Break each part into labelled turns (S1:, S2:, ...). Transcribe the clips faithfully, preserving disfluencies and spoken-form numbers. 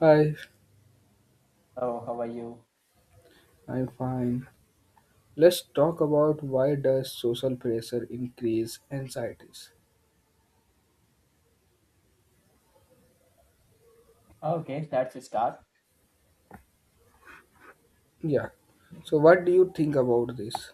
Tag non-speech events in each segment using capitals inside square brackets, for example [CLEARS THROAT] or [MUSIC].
S1: Hi,
S2: Hello, how are you?
S1: I'm fine. Let's talk about why does social pressure increase anxieties?
S2: Okay, that's a start.
S1: Yeah. So what do you think about this?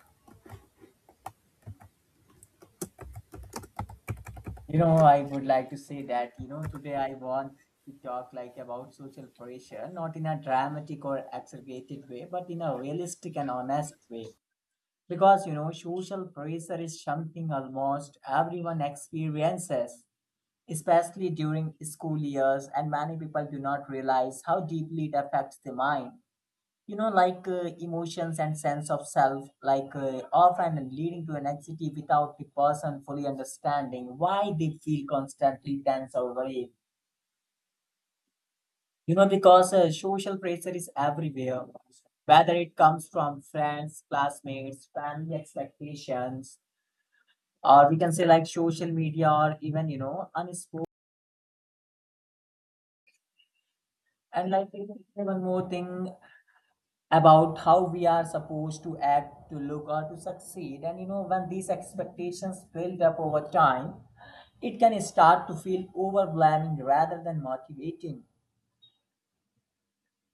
S2: You know, I would like to say that, you know, today I want to talk like about social pressure, not in a dramatic or exaggerated way, but in a realistic and honest way. Because, you know, social pressure is something almost everyone experiences, especially during school years, and many people do not realize how deeply it affects the mind, you know like uh, emotions and sense of self, like uh, often leading to an anxiety without the person fully understanding why they feel constantly tense or worried, you know because uh, social pressure is everywhere, whether it comes from friends, classmates, family expectations, or we can say like social media, or even you know unspoken. And like even one more thing about how we are supposed to act, to look, or to succeed. And you know, when these expectations build up over time, it can start to feel overwhelming rather than motivating.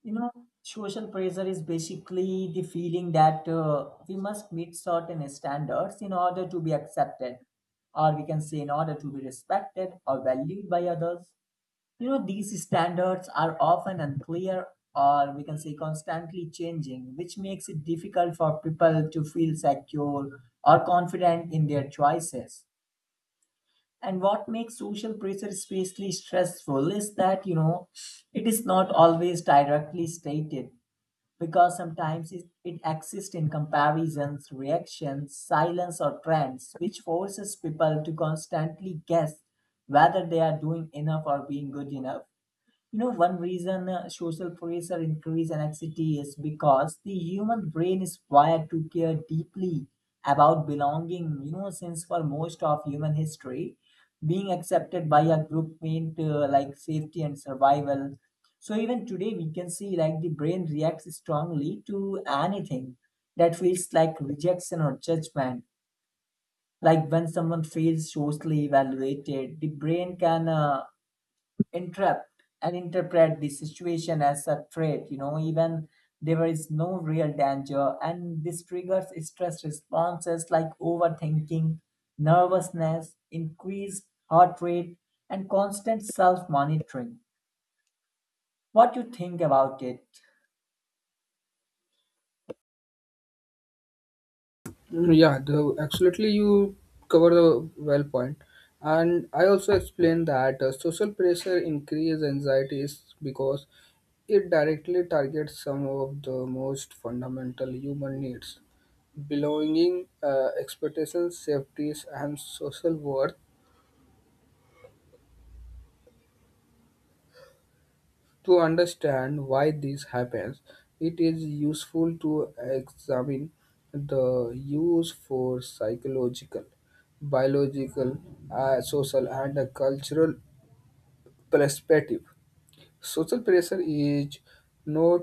S2: You know, social pressure is basically the feeling that uh, we must meet certain standards in order to be accepted, or we can say, in order to be respected or valued by others. You know, these standards are often unclear, or we can say constantly changing, which makes it difficult for people to feel secure or confident in their choices. And what makes social pressure especially stressful is that, you know, it is not always directly stated, because sometimes it, it exists in comparisons, reactions, silence, or trends, which forces people to constantly guess whether they are doing enough or being good enough. You know, one reason uh, social pressure increase anxiety is because the human brain is wired to care deeply about belonging. You know, since for most of human history, being accepted by a group meant uh, like safety and survival. So even today, we can see like the brain reacts strongly to anything that feels like rejection or judgment. Like when someone feels socially evaluated, the brain can uh, interrupt and interpret the situation as a threat, you know even there is no real danger, and this triggers stress responses like overthinking, nervousness, increased heart rate, and constant self monitoring. What you think about it?
S1: Mm, Yeah, the, absolutely you cover the well point. And I also explained that uh, social pressure increase anxieties because it directly targets some of the most fundamental human needs belonging, uh, expectations, safeties, and social worth. To understand why this happens, it is useful to examine the use for psychological, biological, uh, social, and uh, cultural perspective. Social pressure is not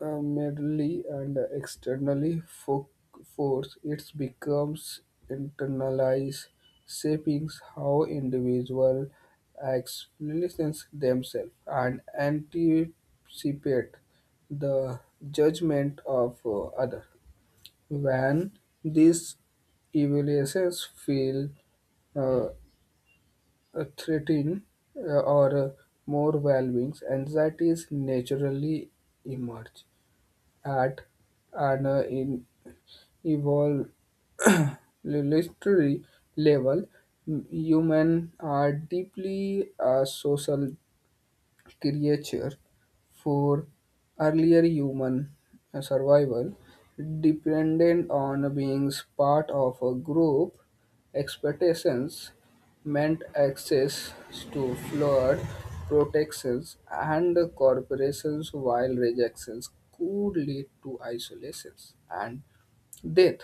S1: uh, merely and externally fo- force, it becomes internalized, shaping how individuals experience themselves and anticipate the judgment of uh, other. When these evaluations feel uh, uh, threatening uh, or uh, more valuing, anxieties naturally emerge at an uh, in evolve [COUGHS] [CLEARS THROAT] literary level. M- Human are deeply uh, social creature for earlier human uh, survival depended on being part of a group. Expectations meant access to flood protections and corporations, while rejections could lead to isolations and death.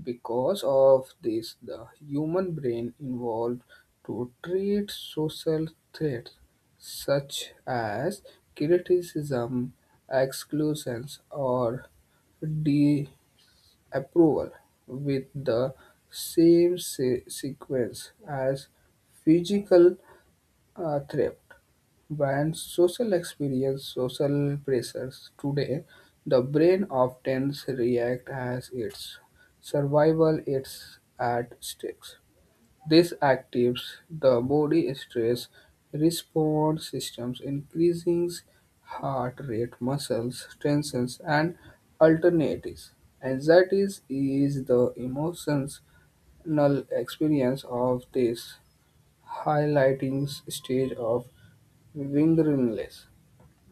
S1: Because of this, the human brain evolved to treat social threats such as criticism, exclusions, or disapproval, with the same se- sequence as physical uh, threat. When social experience social pressures today, the brain often reacts as its survival is at stake. This activates the body stress response systems, increasing heart rate, muscles tensions, and alternatives. Anxiety is the emotional experience of this highlighting stage of wilderness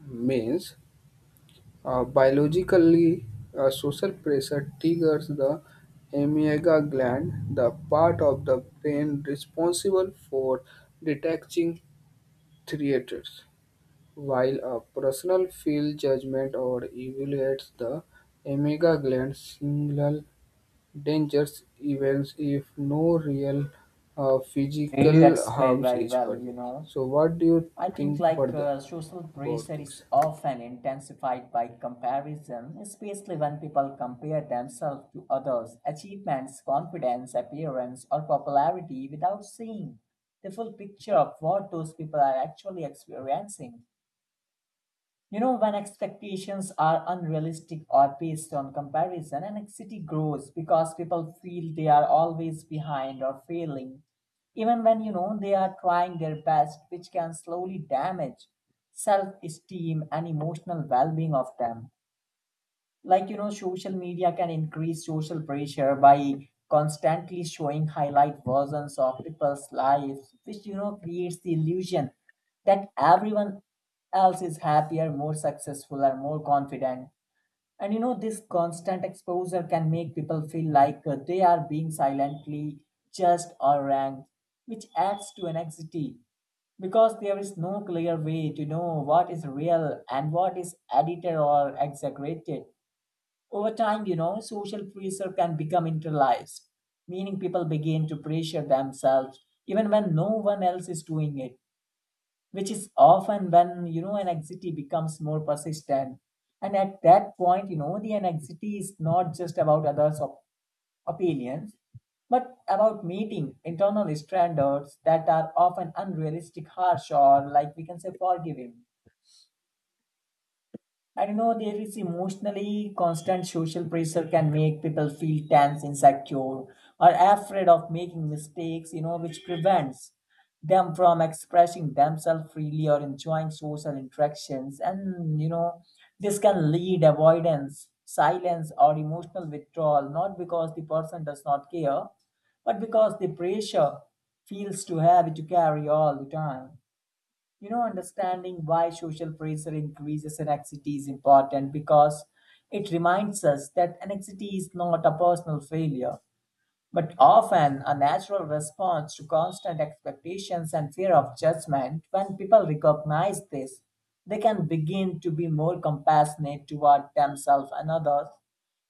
S1: means uh, biologically, uh, social pressure triggers the amygdala gland, the part of the brain responsible for detecting threats. While a personal feels judgment or evaluates the amygdala gland signal dangerous events if no real uh,
S2: Really
S1: physical
S2: explained
S1: harms
S2: very
S1: is
S2: well, you
S1: present.
S2: know.
S1: So, what do you
S2: I think
S1: think
S2: like
S1: further
S2: uh, social
S1: about
S2: pressure is
S1: this?
S2: often intensified by comparison, especially when people compare themselves to others' achievements, confidence, appearance, or popularity without seeing the full picture of what those people are actually experiencing. You know, when expectations are unrealistic or based on comparison, anxiety grows because people feel they are always behind or failing, even when you know they are trying their best, which can slowly damage self esteem and emotional well being of them. Like you know social media can increase social pressure by constantly showing highlight versions of people's lives, which you know creates the illusion that everyone else is happier, more successful, or more confident. And you know this constant exposure can make people feel like uh, they are being silently judged or ranked, which adds to anxiety because there is no clear way to know what is real and what is edited or exaggerated. Over time, you know, social pressure can become internalized, meaning people begin to pressure themselves even when no one else is doing it, which is often when, you know, anxiety becomes more persistent. And at that point, you know, the anxiety is not just about others' op- opinions, but about meeting internal standards that are often unrealistic, harsh, or like we can say forgiving. I don't know, there is emotionally constant social pressure can make people feel tense, insecure, or afraid of making mistakes, you know, which prevents them from expressing themselves freely or enjoying social interactions. And, you know, this can lead avoidance, silence, or emotional withdrawal, not because the person does not care, but because the pressure feels to have it to carry all the time. You know, understanding why social pressure increases anxiety is important because it reminds us that anxiety is not a personal failure, but often a natural response to constant expectations and fear of judgment. When people recognize this, they can begin to be more compassionate toward themselves and others,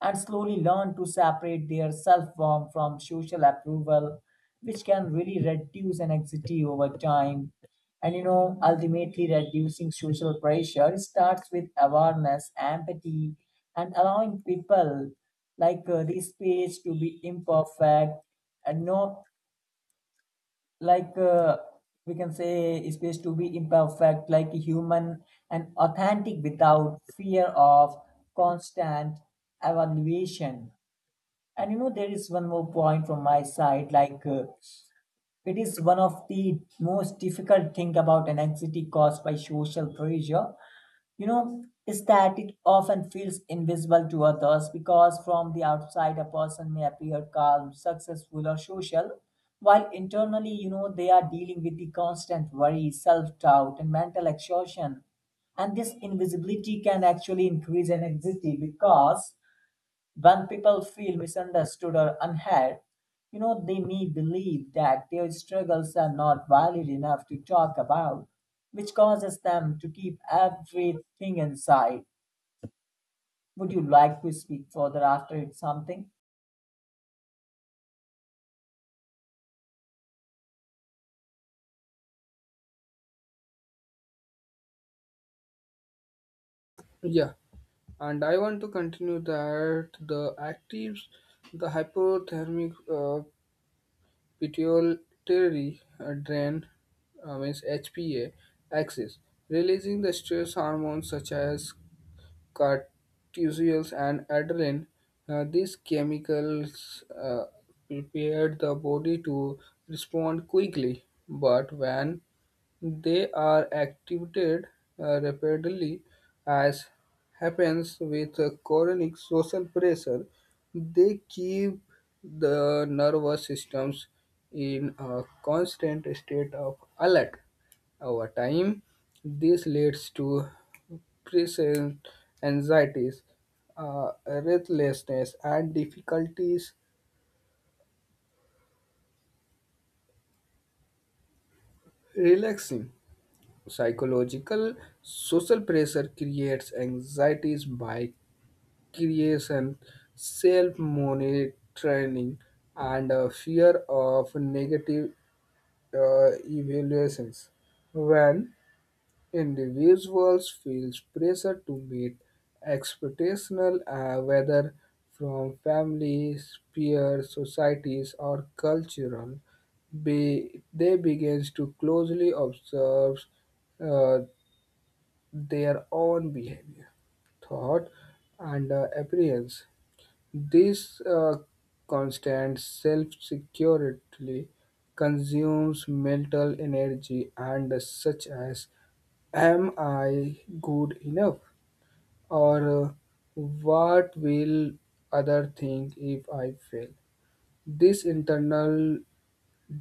S2: and slowly learn to separate their self worth from social approval, which can really reduce anxiety over time. And you know, ultimately, reducing social pressure starts with awareness, empathy, and allowing people like uh, this space to be imperfect, and not like uh, we can say space to be imperfect, like human and authentic without fear of constant evaluation. And you know, there is one more point from my side. Like, uh, it is one of the most difficult thing about an anxiety caused by social pressure. You know, is that it often feels invisible to others, because from the outside, a person may appear calm, successful, or social, while internally, you know, they are dealing with the constant worry, self-doubt, and mental exhaustion. And this invisibility can actually increase an anxiety because when people feel misunderstood or unheard, you know, they may believe that their struggles are not valid enough to talk about, which causes them to keep everything inside. Would you like to speak further after it's something?
S1: Yeah, and I want to continue that the actives, the hypothermic uh, pituitary uh, drain, uh, means H P A axis, releasing the stress hormones such as cortisol, and adrenaline. Uh, these chemicals uh, prepare the body to respond quickly, but when they are activated uh, rapidly, as happens with uh, chronic social pressure, they keep the nervous systems in a constant state of alert. Over time, this leads to present anxieties, uh, restlessness, and difficulties relaxing. Psychological social pressure creates anxieties by creation, self monitoring, and a fear of negative uh, evaluations. When individuals feel pressure to meet expectations, uh, whether from families, peers, societies, or cultural. Be, they begin to closely observe uh, their own behavior, thought, and uh, appearance. This uh, constant self-security consumes mental energy and such as am I good enough or uh, what will other think if I fail? This internal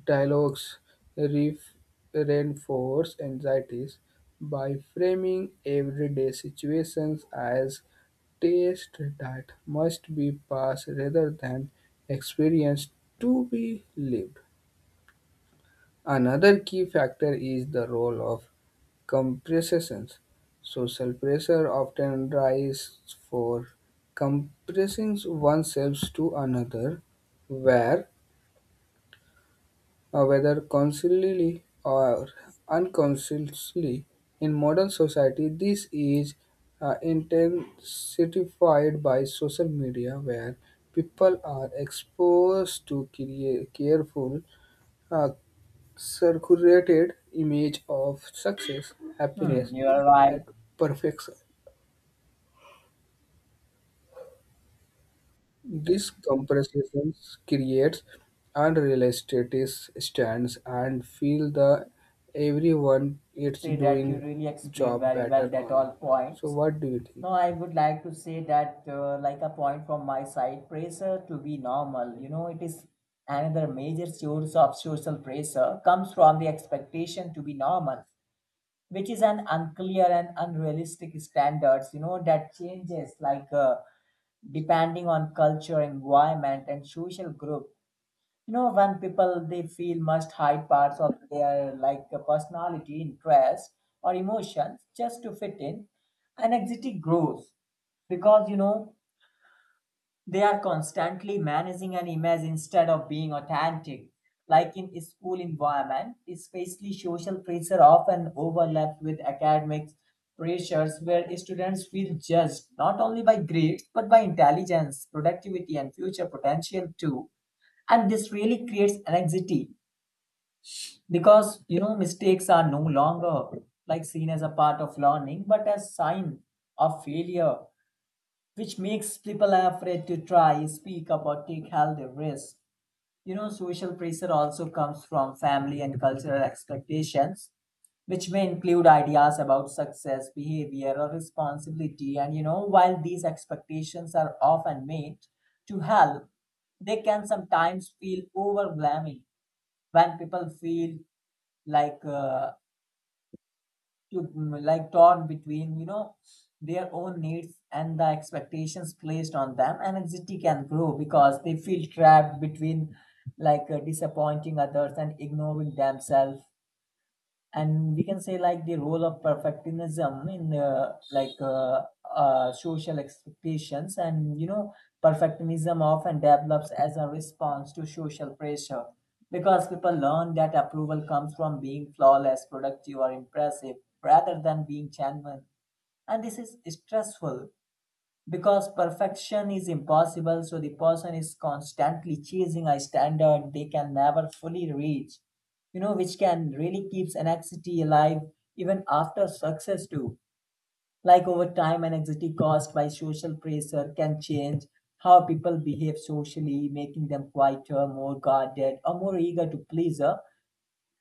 S1: dialogues ref- reinforce anxieties by framing everyday situations as tests that must be passed rather than experienced to be lived. Another key factor is the role of compressions. Social pressure often rises for compressing oneself to another, where Uh, whether consciously or unconsciously, in modern society, this is uh, intensified by social media, where people are exposed to crea- careful, uh, circulated image of success,
S2: Hmm,
S1: happiness,
S2: you are right.
S1: and
S2: I
S1: perfection. This compression creates unrealistic stands and feel the everyone
S2: would
S1: it's
S2: say that you
S1: doing
S2: really explained
S1: job
S2: very
S1: better
S2: well that
S1: or
S2: all
S1: not. So
S2: points.
S1: what do you think?
S2: No, I would like to say that, uh, like a point from my side, pressure to be normal, you know, it is another major source of social pressure, comes from the expectation to be normal, which is an unclear and unrealistic standards, you know, that changes like uh, depending on culture, environment, and social group. you know when people they feel must hide parts of their like uh, personality, interest, or emotions just to fit in, anxiety grows because you know they are constantly managing an image instead of being authentic. Like in school environment, especially social pressure often overlaps with academic pressures, where students feel judged not only by grades, but by intelligence, productivity, and future potential too. And this really creates anxiety because you know mistakes are no longer like seen as a part of learning, but as sign of failure, which makes people afraid to try, speak about, take healthy risks. You know, social pressure also comes from family and cultural expectations, which may include ideas about success, behavior, or responsibility. And you know, while these expectations are often made to help, they can sometimes feel overwhelming when people feel like uh, to mm, like torn between you know their own needs and the expectations placed on them, and anxiety can grow because they feel trapped between like uh, disappointing others and ignoring themselves. And we can say like the role of perfectionism in uh, like uh, uh, social expectations. And you know perfectionism often develops as a response to social pressure because people learn that approval comes from being flawless, productive, or impressive rather than being genuine. And this is stressful because perfection is impossible, so the person is constantly chasing a standard they can never fully reach, you know which can really keeps anxiety alive even after success too. Like over time anxiety caused by social pressure can change how people behave socially, making them quieter, more guarded, or more eager to please her.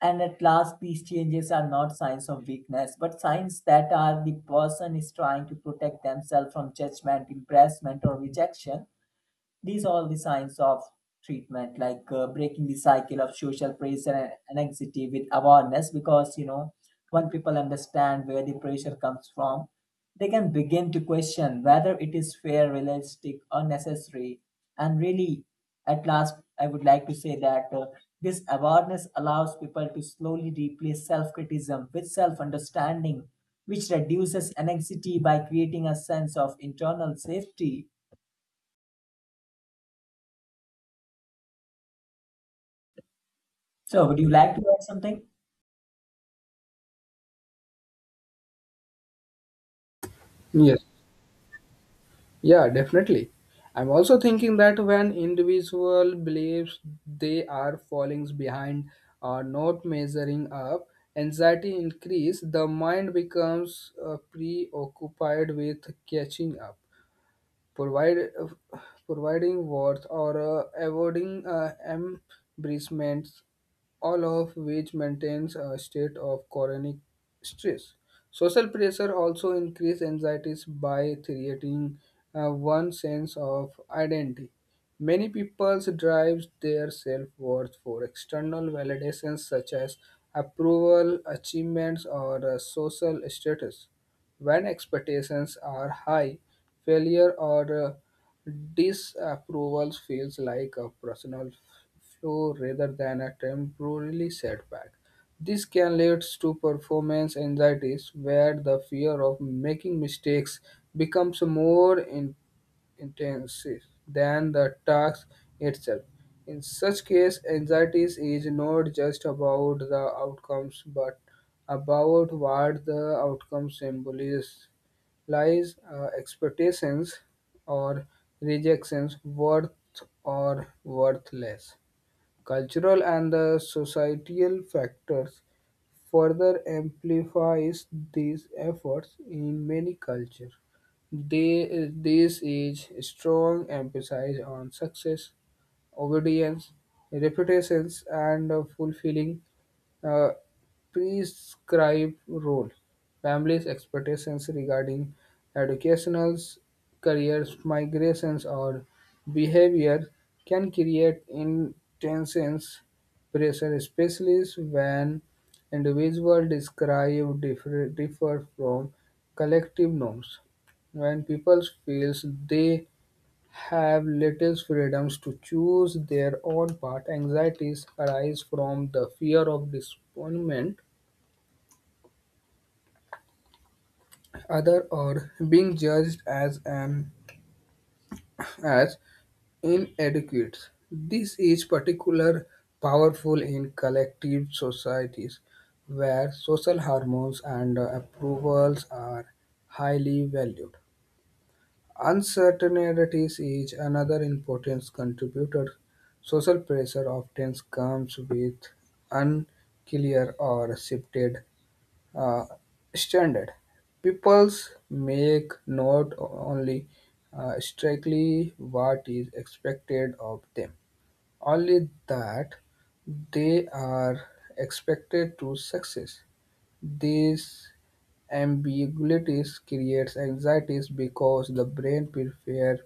S2: And at last, these changes are not signs of weakness, but signs that are the person is trying to protect themselves from judgment, embarrassment, or rejection. These are the signs of treatment, like uh, breaking the cycle of social pressure and and anxiety with awareness. Because you know, when people understand where the pressure comes from, they can begin to question whether it is fair, realistic, or necessary. And really, at last, I would like to say that uh, this awareness allows people to slowly replace self criticism with self understanding, which reduces anxiety by creating a sense of internal safety. So, would you like to add something?
S1: Yes, yeah, definitely. I'm also thinking that when individual believes they are falling behind or not measuring up, anxiety increase. The mind becomes uh, preoccupied with catching up provide, providing wards or uh, avoiding uh, embezzlements, all of which maintains a state of chronic stress. Social pressure also increases anxieties by creating uh, one sense of identity. Many people drive their self-worth for external validations such as approval, achievements, or uh, social status. When expectations are high, failure or uh, disapproval feels like a personal flaw rather than a temporary setback. This can lead to performance anxieties where the fear of making mistakes becomes more intensive than the task itself. In such case, anxiety is not just about the outcomes but about what the outcome symbolizes lies, uh, expectations, or rejections, worth or worthless. Cultural and the societal factors further amplifies these efforts in many cultures. They, this is strong emphasis on success, obedience, reputations, and fulfilling uh, prescribed role. Families' expectations regarding educationals, careers, migrations, or behavior can create intense pressure, especially when individuals describe differ, differ from collective norms. When people feel they have little freedoms to choose their own path. Anxieties arise from the fear of disappointment, other or being judged as an as inadequate. This is particular powerful in collective societies where social hormones and approvals are highly valued. Uncertainties is another important contributor. Social pressure often comes with unclear or shifted uh, standard. Peoples make not only uh, strictly what is expected of them, only that they are expected to success. These ambiguities creates anxieties because the brain prefers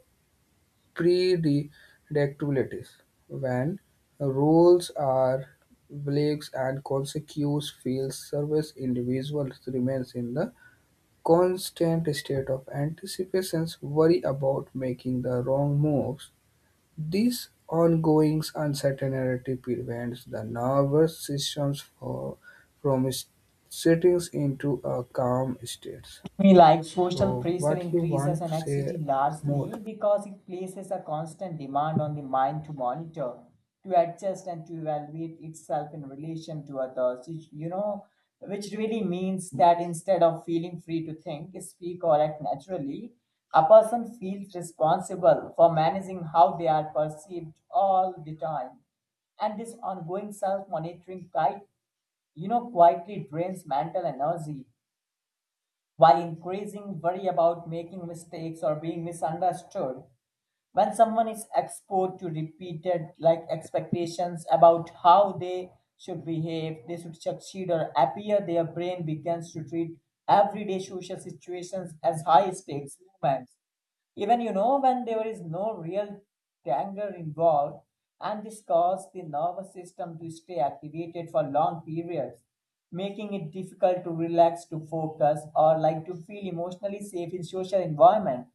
S1: predictabilities. When rules are vague and consequence feels service individuals remains in the constant state of anticipations worry about making the wrong moves. This ongoing uncertainty prevents the nervous system for, from sitting into a calm state.
S2: We like social
S1: So,
S2: pressure
S1: what you
S2: increases
S1: want
S2: in
S1: to say
S2: anxiety
S1: more?
S2: largely because it places a constant demand on the mind to monitor, to adjust, and to evaluate itself in relation to others. Which, you know, which really means that instead of feeling free to think, speak, or act naturally, a person feels responsible for managing how they are perceived all the time. And this ongoing self-monitoring fight, you know quietly drains mental energy while increasing worry about making mistakes or being misunderstood. When someone is exposed to repeated like expectations about how they should behave, they should succeed or appear, their brain begins to treat everyday social situations as high stakes moments, even you know when there is no real danger involved, and this causes the nervous system to stay activated for long periods, making it difficult to relax, to focus, or like to feel emotionally safe in social environment.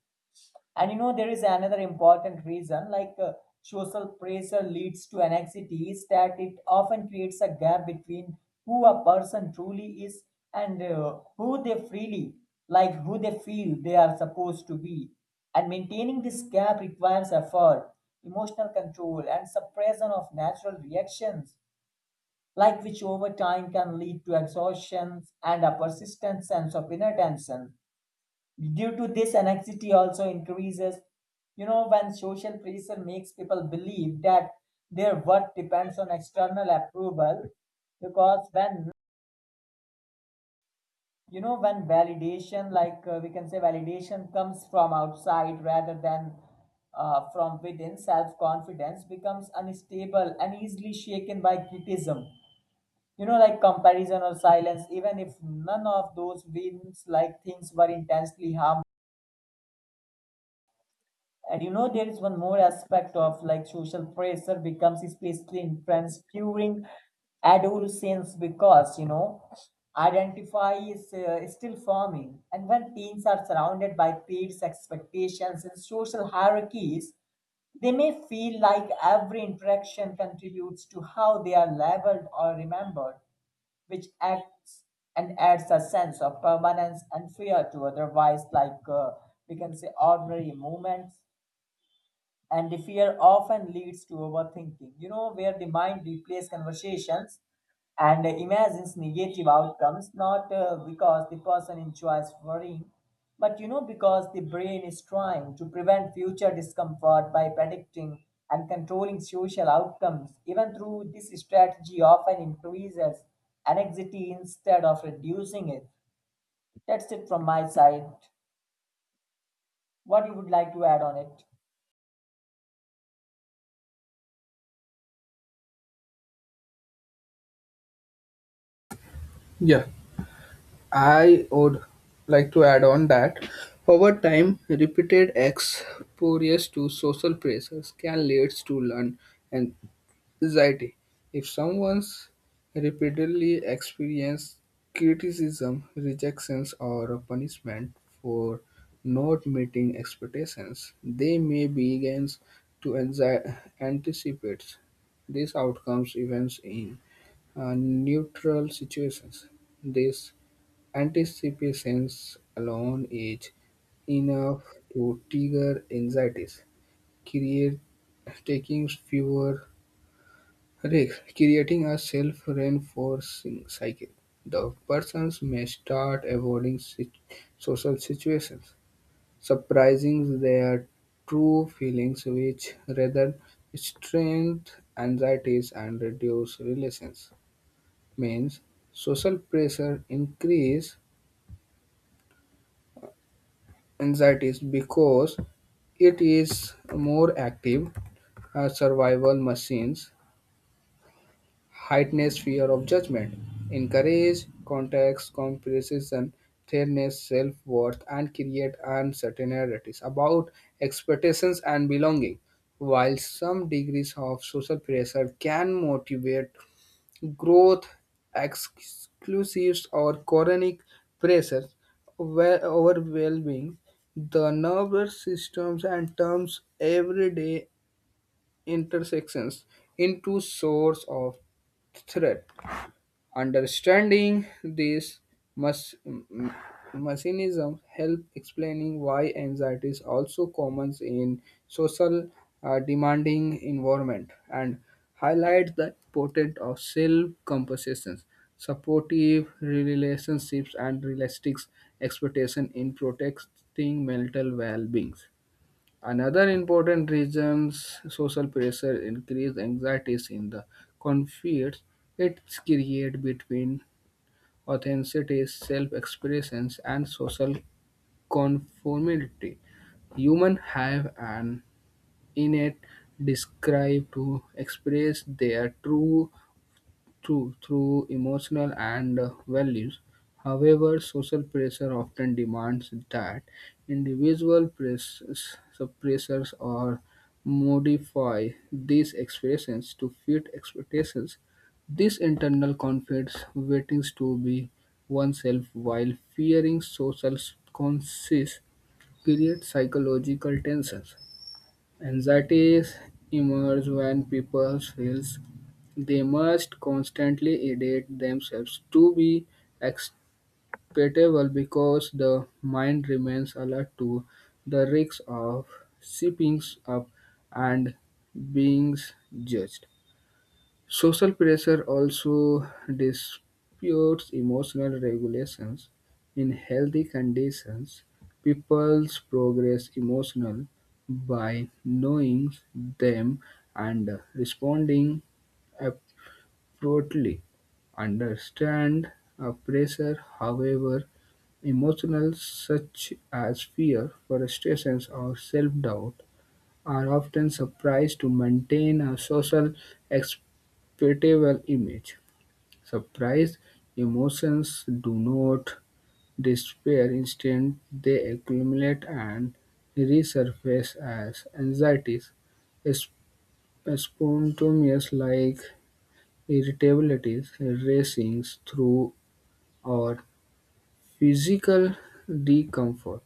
S2: And you know, there is another important reason like uh, social pressure leads to anxiety is that it often creates a gap between who a person truly is and uh, who they freely, like who they feel they are supposed to be. And maintaining this gap requires effort, emotional control, and suppression of natural reactions, like which over time can lead to exhaustion and a persistent sense of inner tension. Due to this, anxiety also increases. You know, when social pressure makes people believe that their worth depends on external approval, because when you know when validation, like uh, we can say, validation comes from outside rather than uh, from within, self confidence becomes unstable and easily shaken by criticism. You know, like comparison or silence, even if none of those wins, like things were intensely harmful. And you know, there is one more aspect of like social pressure becomes especially intense during adolescence because you know identify is uh, still forming, and when teens are surrounded by peers expectations and social hierarchies they may feel like every interaction contributes to how they are labeled or remembered, which acts and adds a sense of permanence and fear to otherwise like uh, we can say ordinary moments. And the fear often leads to overthinking, you know, where the mind replays conversations and imagines negative outcomes, not uh, because the person enjoys worrying but you know because the brain is trying to prevent future discomfort by predicting and controlling social outcomes, even through this strategy often increases anxiety instead of reducing it. That's it from my side. What you would like to add on it?
S1: Yeah, I would like to add on that over time, repeated exposure to social pressures can lead to learn and anxiety. If someone's repeatedly experienced criticism, rejections, or punishment for not meeting expectations, they may begin to anxi- anticipate these outcomes events in uh, neutral situations. This anticipation alone is enough to trigger anxieties, create taking fewer Rick, creating a self-reinforcing cycle. The persons may start avoiding sit- social situations, suppressing their true feelings, which rather strength anxieties and reduce relations. Means social pressure increase anxieties because it is more active uh, survival machines heightens fear of judgment, encourage context comparison, threatens self-worth, and create uncertainties about expectations and belonging. While some degrees of social pressure can motivate growth, exclusives or chronic pressure were overwhelming the nervous systems and turns everyday intersections into source of threat. Understanding these mas- m- mechanisms help explaining why anxiety is also common in social uh, demanding environment and highlight the importance of self-compensation, supportive relationships, and realistic expectation in protecting mental well-being. Another important reasons social pressure increase anxieties in the conflicts it creates between authenticity, self-expressions, and social conformity. Humans have an innate desire to express their true through through emotional and uh, values. However, social pressure often demands that individual press, suppressors or modify these expressions to fit expectations. This internal conflicts waiting to be oneself while fearing social consequences create psychological tensions. Anxieties emerge when people feels they must constantly edit themselves to be acceptable because the mind remains alert to the risks of slipping up and being judged. Social pressure also disputes emotional regulations. In healthy conditions, people's progress emotional by knowing them and responding appropriately. Understand a pressure, however, emotional such as fear, frustrations, or self-doubt are often surprised to maintain a social acceptable image. Surprise emotions do not disappear; instead, they accumulate and resurface as anxieties, sp- spontaneous like irritabilities, racings through or physical discomfort.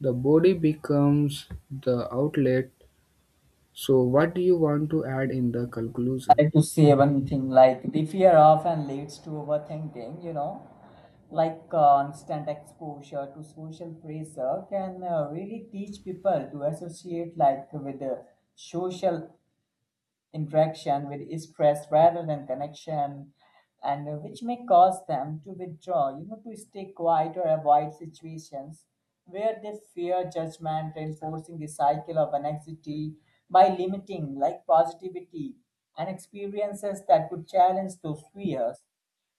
S1: The body becomes the outlet. So, what do you want to add in the conclusion?
S2: Like to say one thing, like the fear often leads to overthinking, you know, like uh, constant exposure to social pressure can uh, really teach people to associate like with the social interaction with stress rather than connection, and uh, which may cause them to withdraw, you know, to stay quiet or avoid situations where they fear judgment, reinforcing the cycle of anxiety by limiting like positivity and experiences that could challenge those fears.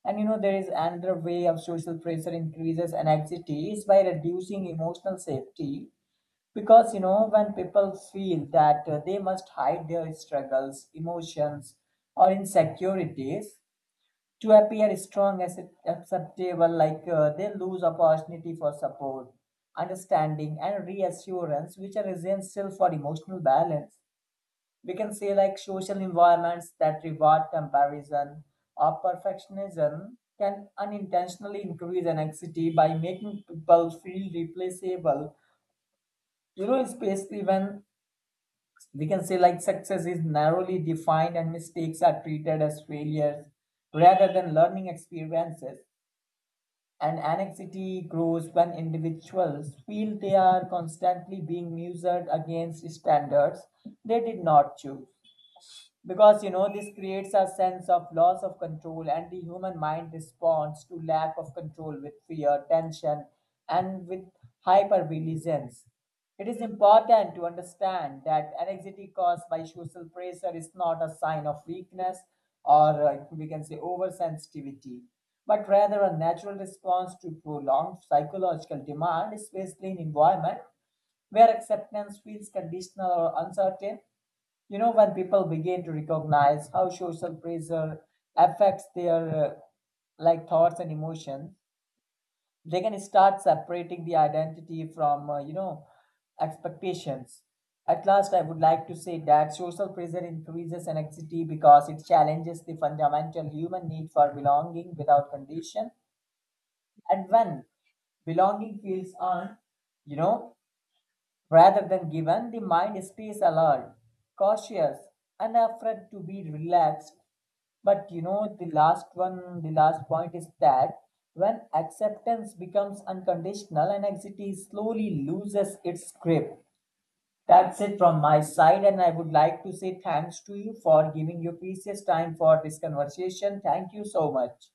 S2: And you know, there is another way of social pressure increases anxiety is by reducing emotional safety, because you know when people feel that uh, they must hide their struggles, emotions, or insecurities to appear strong as acceptable, like uh, they lose opportunity for support, understanding and reassurance, which are essential for emotional balance. We can say like social environments that reward comparison or perfectionism can unintentionally increase anxiety by making people feel replaceable, you know, especially when we can say like success is narrowly defined and mistakes are treated as failures rather than learning experiences. And anxiety grows when individuals feel they are constantly being measured against standards they did not choose, because you know this creates a sense of loss of control, and the human mind responds to lack of control with fear, tension, and with hypervigilance. It is important to understand that anxiety caused by social pressure is not a sign of weakness or uh, we can say oversensitivity, but rather a natural response to prolonged psychological demand, especially in environment where acceptance feels conditional or uncertain. You know, when people begin to recognize how social pressure affects their uh, like thoughts and emotions, they can start separating the identity from uh, you know expectations. At last, I would like to say that social pressure increases anxiety because it challenges the fundamental human need for belonging without condition. And when belonging feels earned, you know, rather than given, the mind stays alert, cautious, and afraid to be relaxed. But you know, the last one, the last point is that when acceptance becomes unconditional and anxiety slowly loses its grip. That's it from my side, and I would like to say thanks to you for giving your precious time for this conversation. Thank you so much.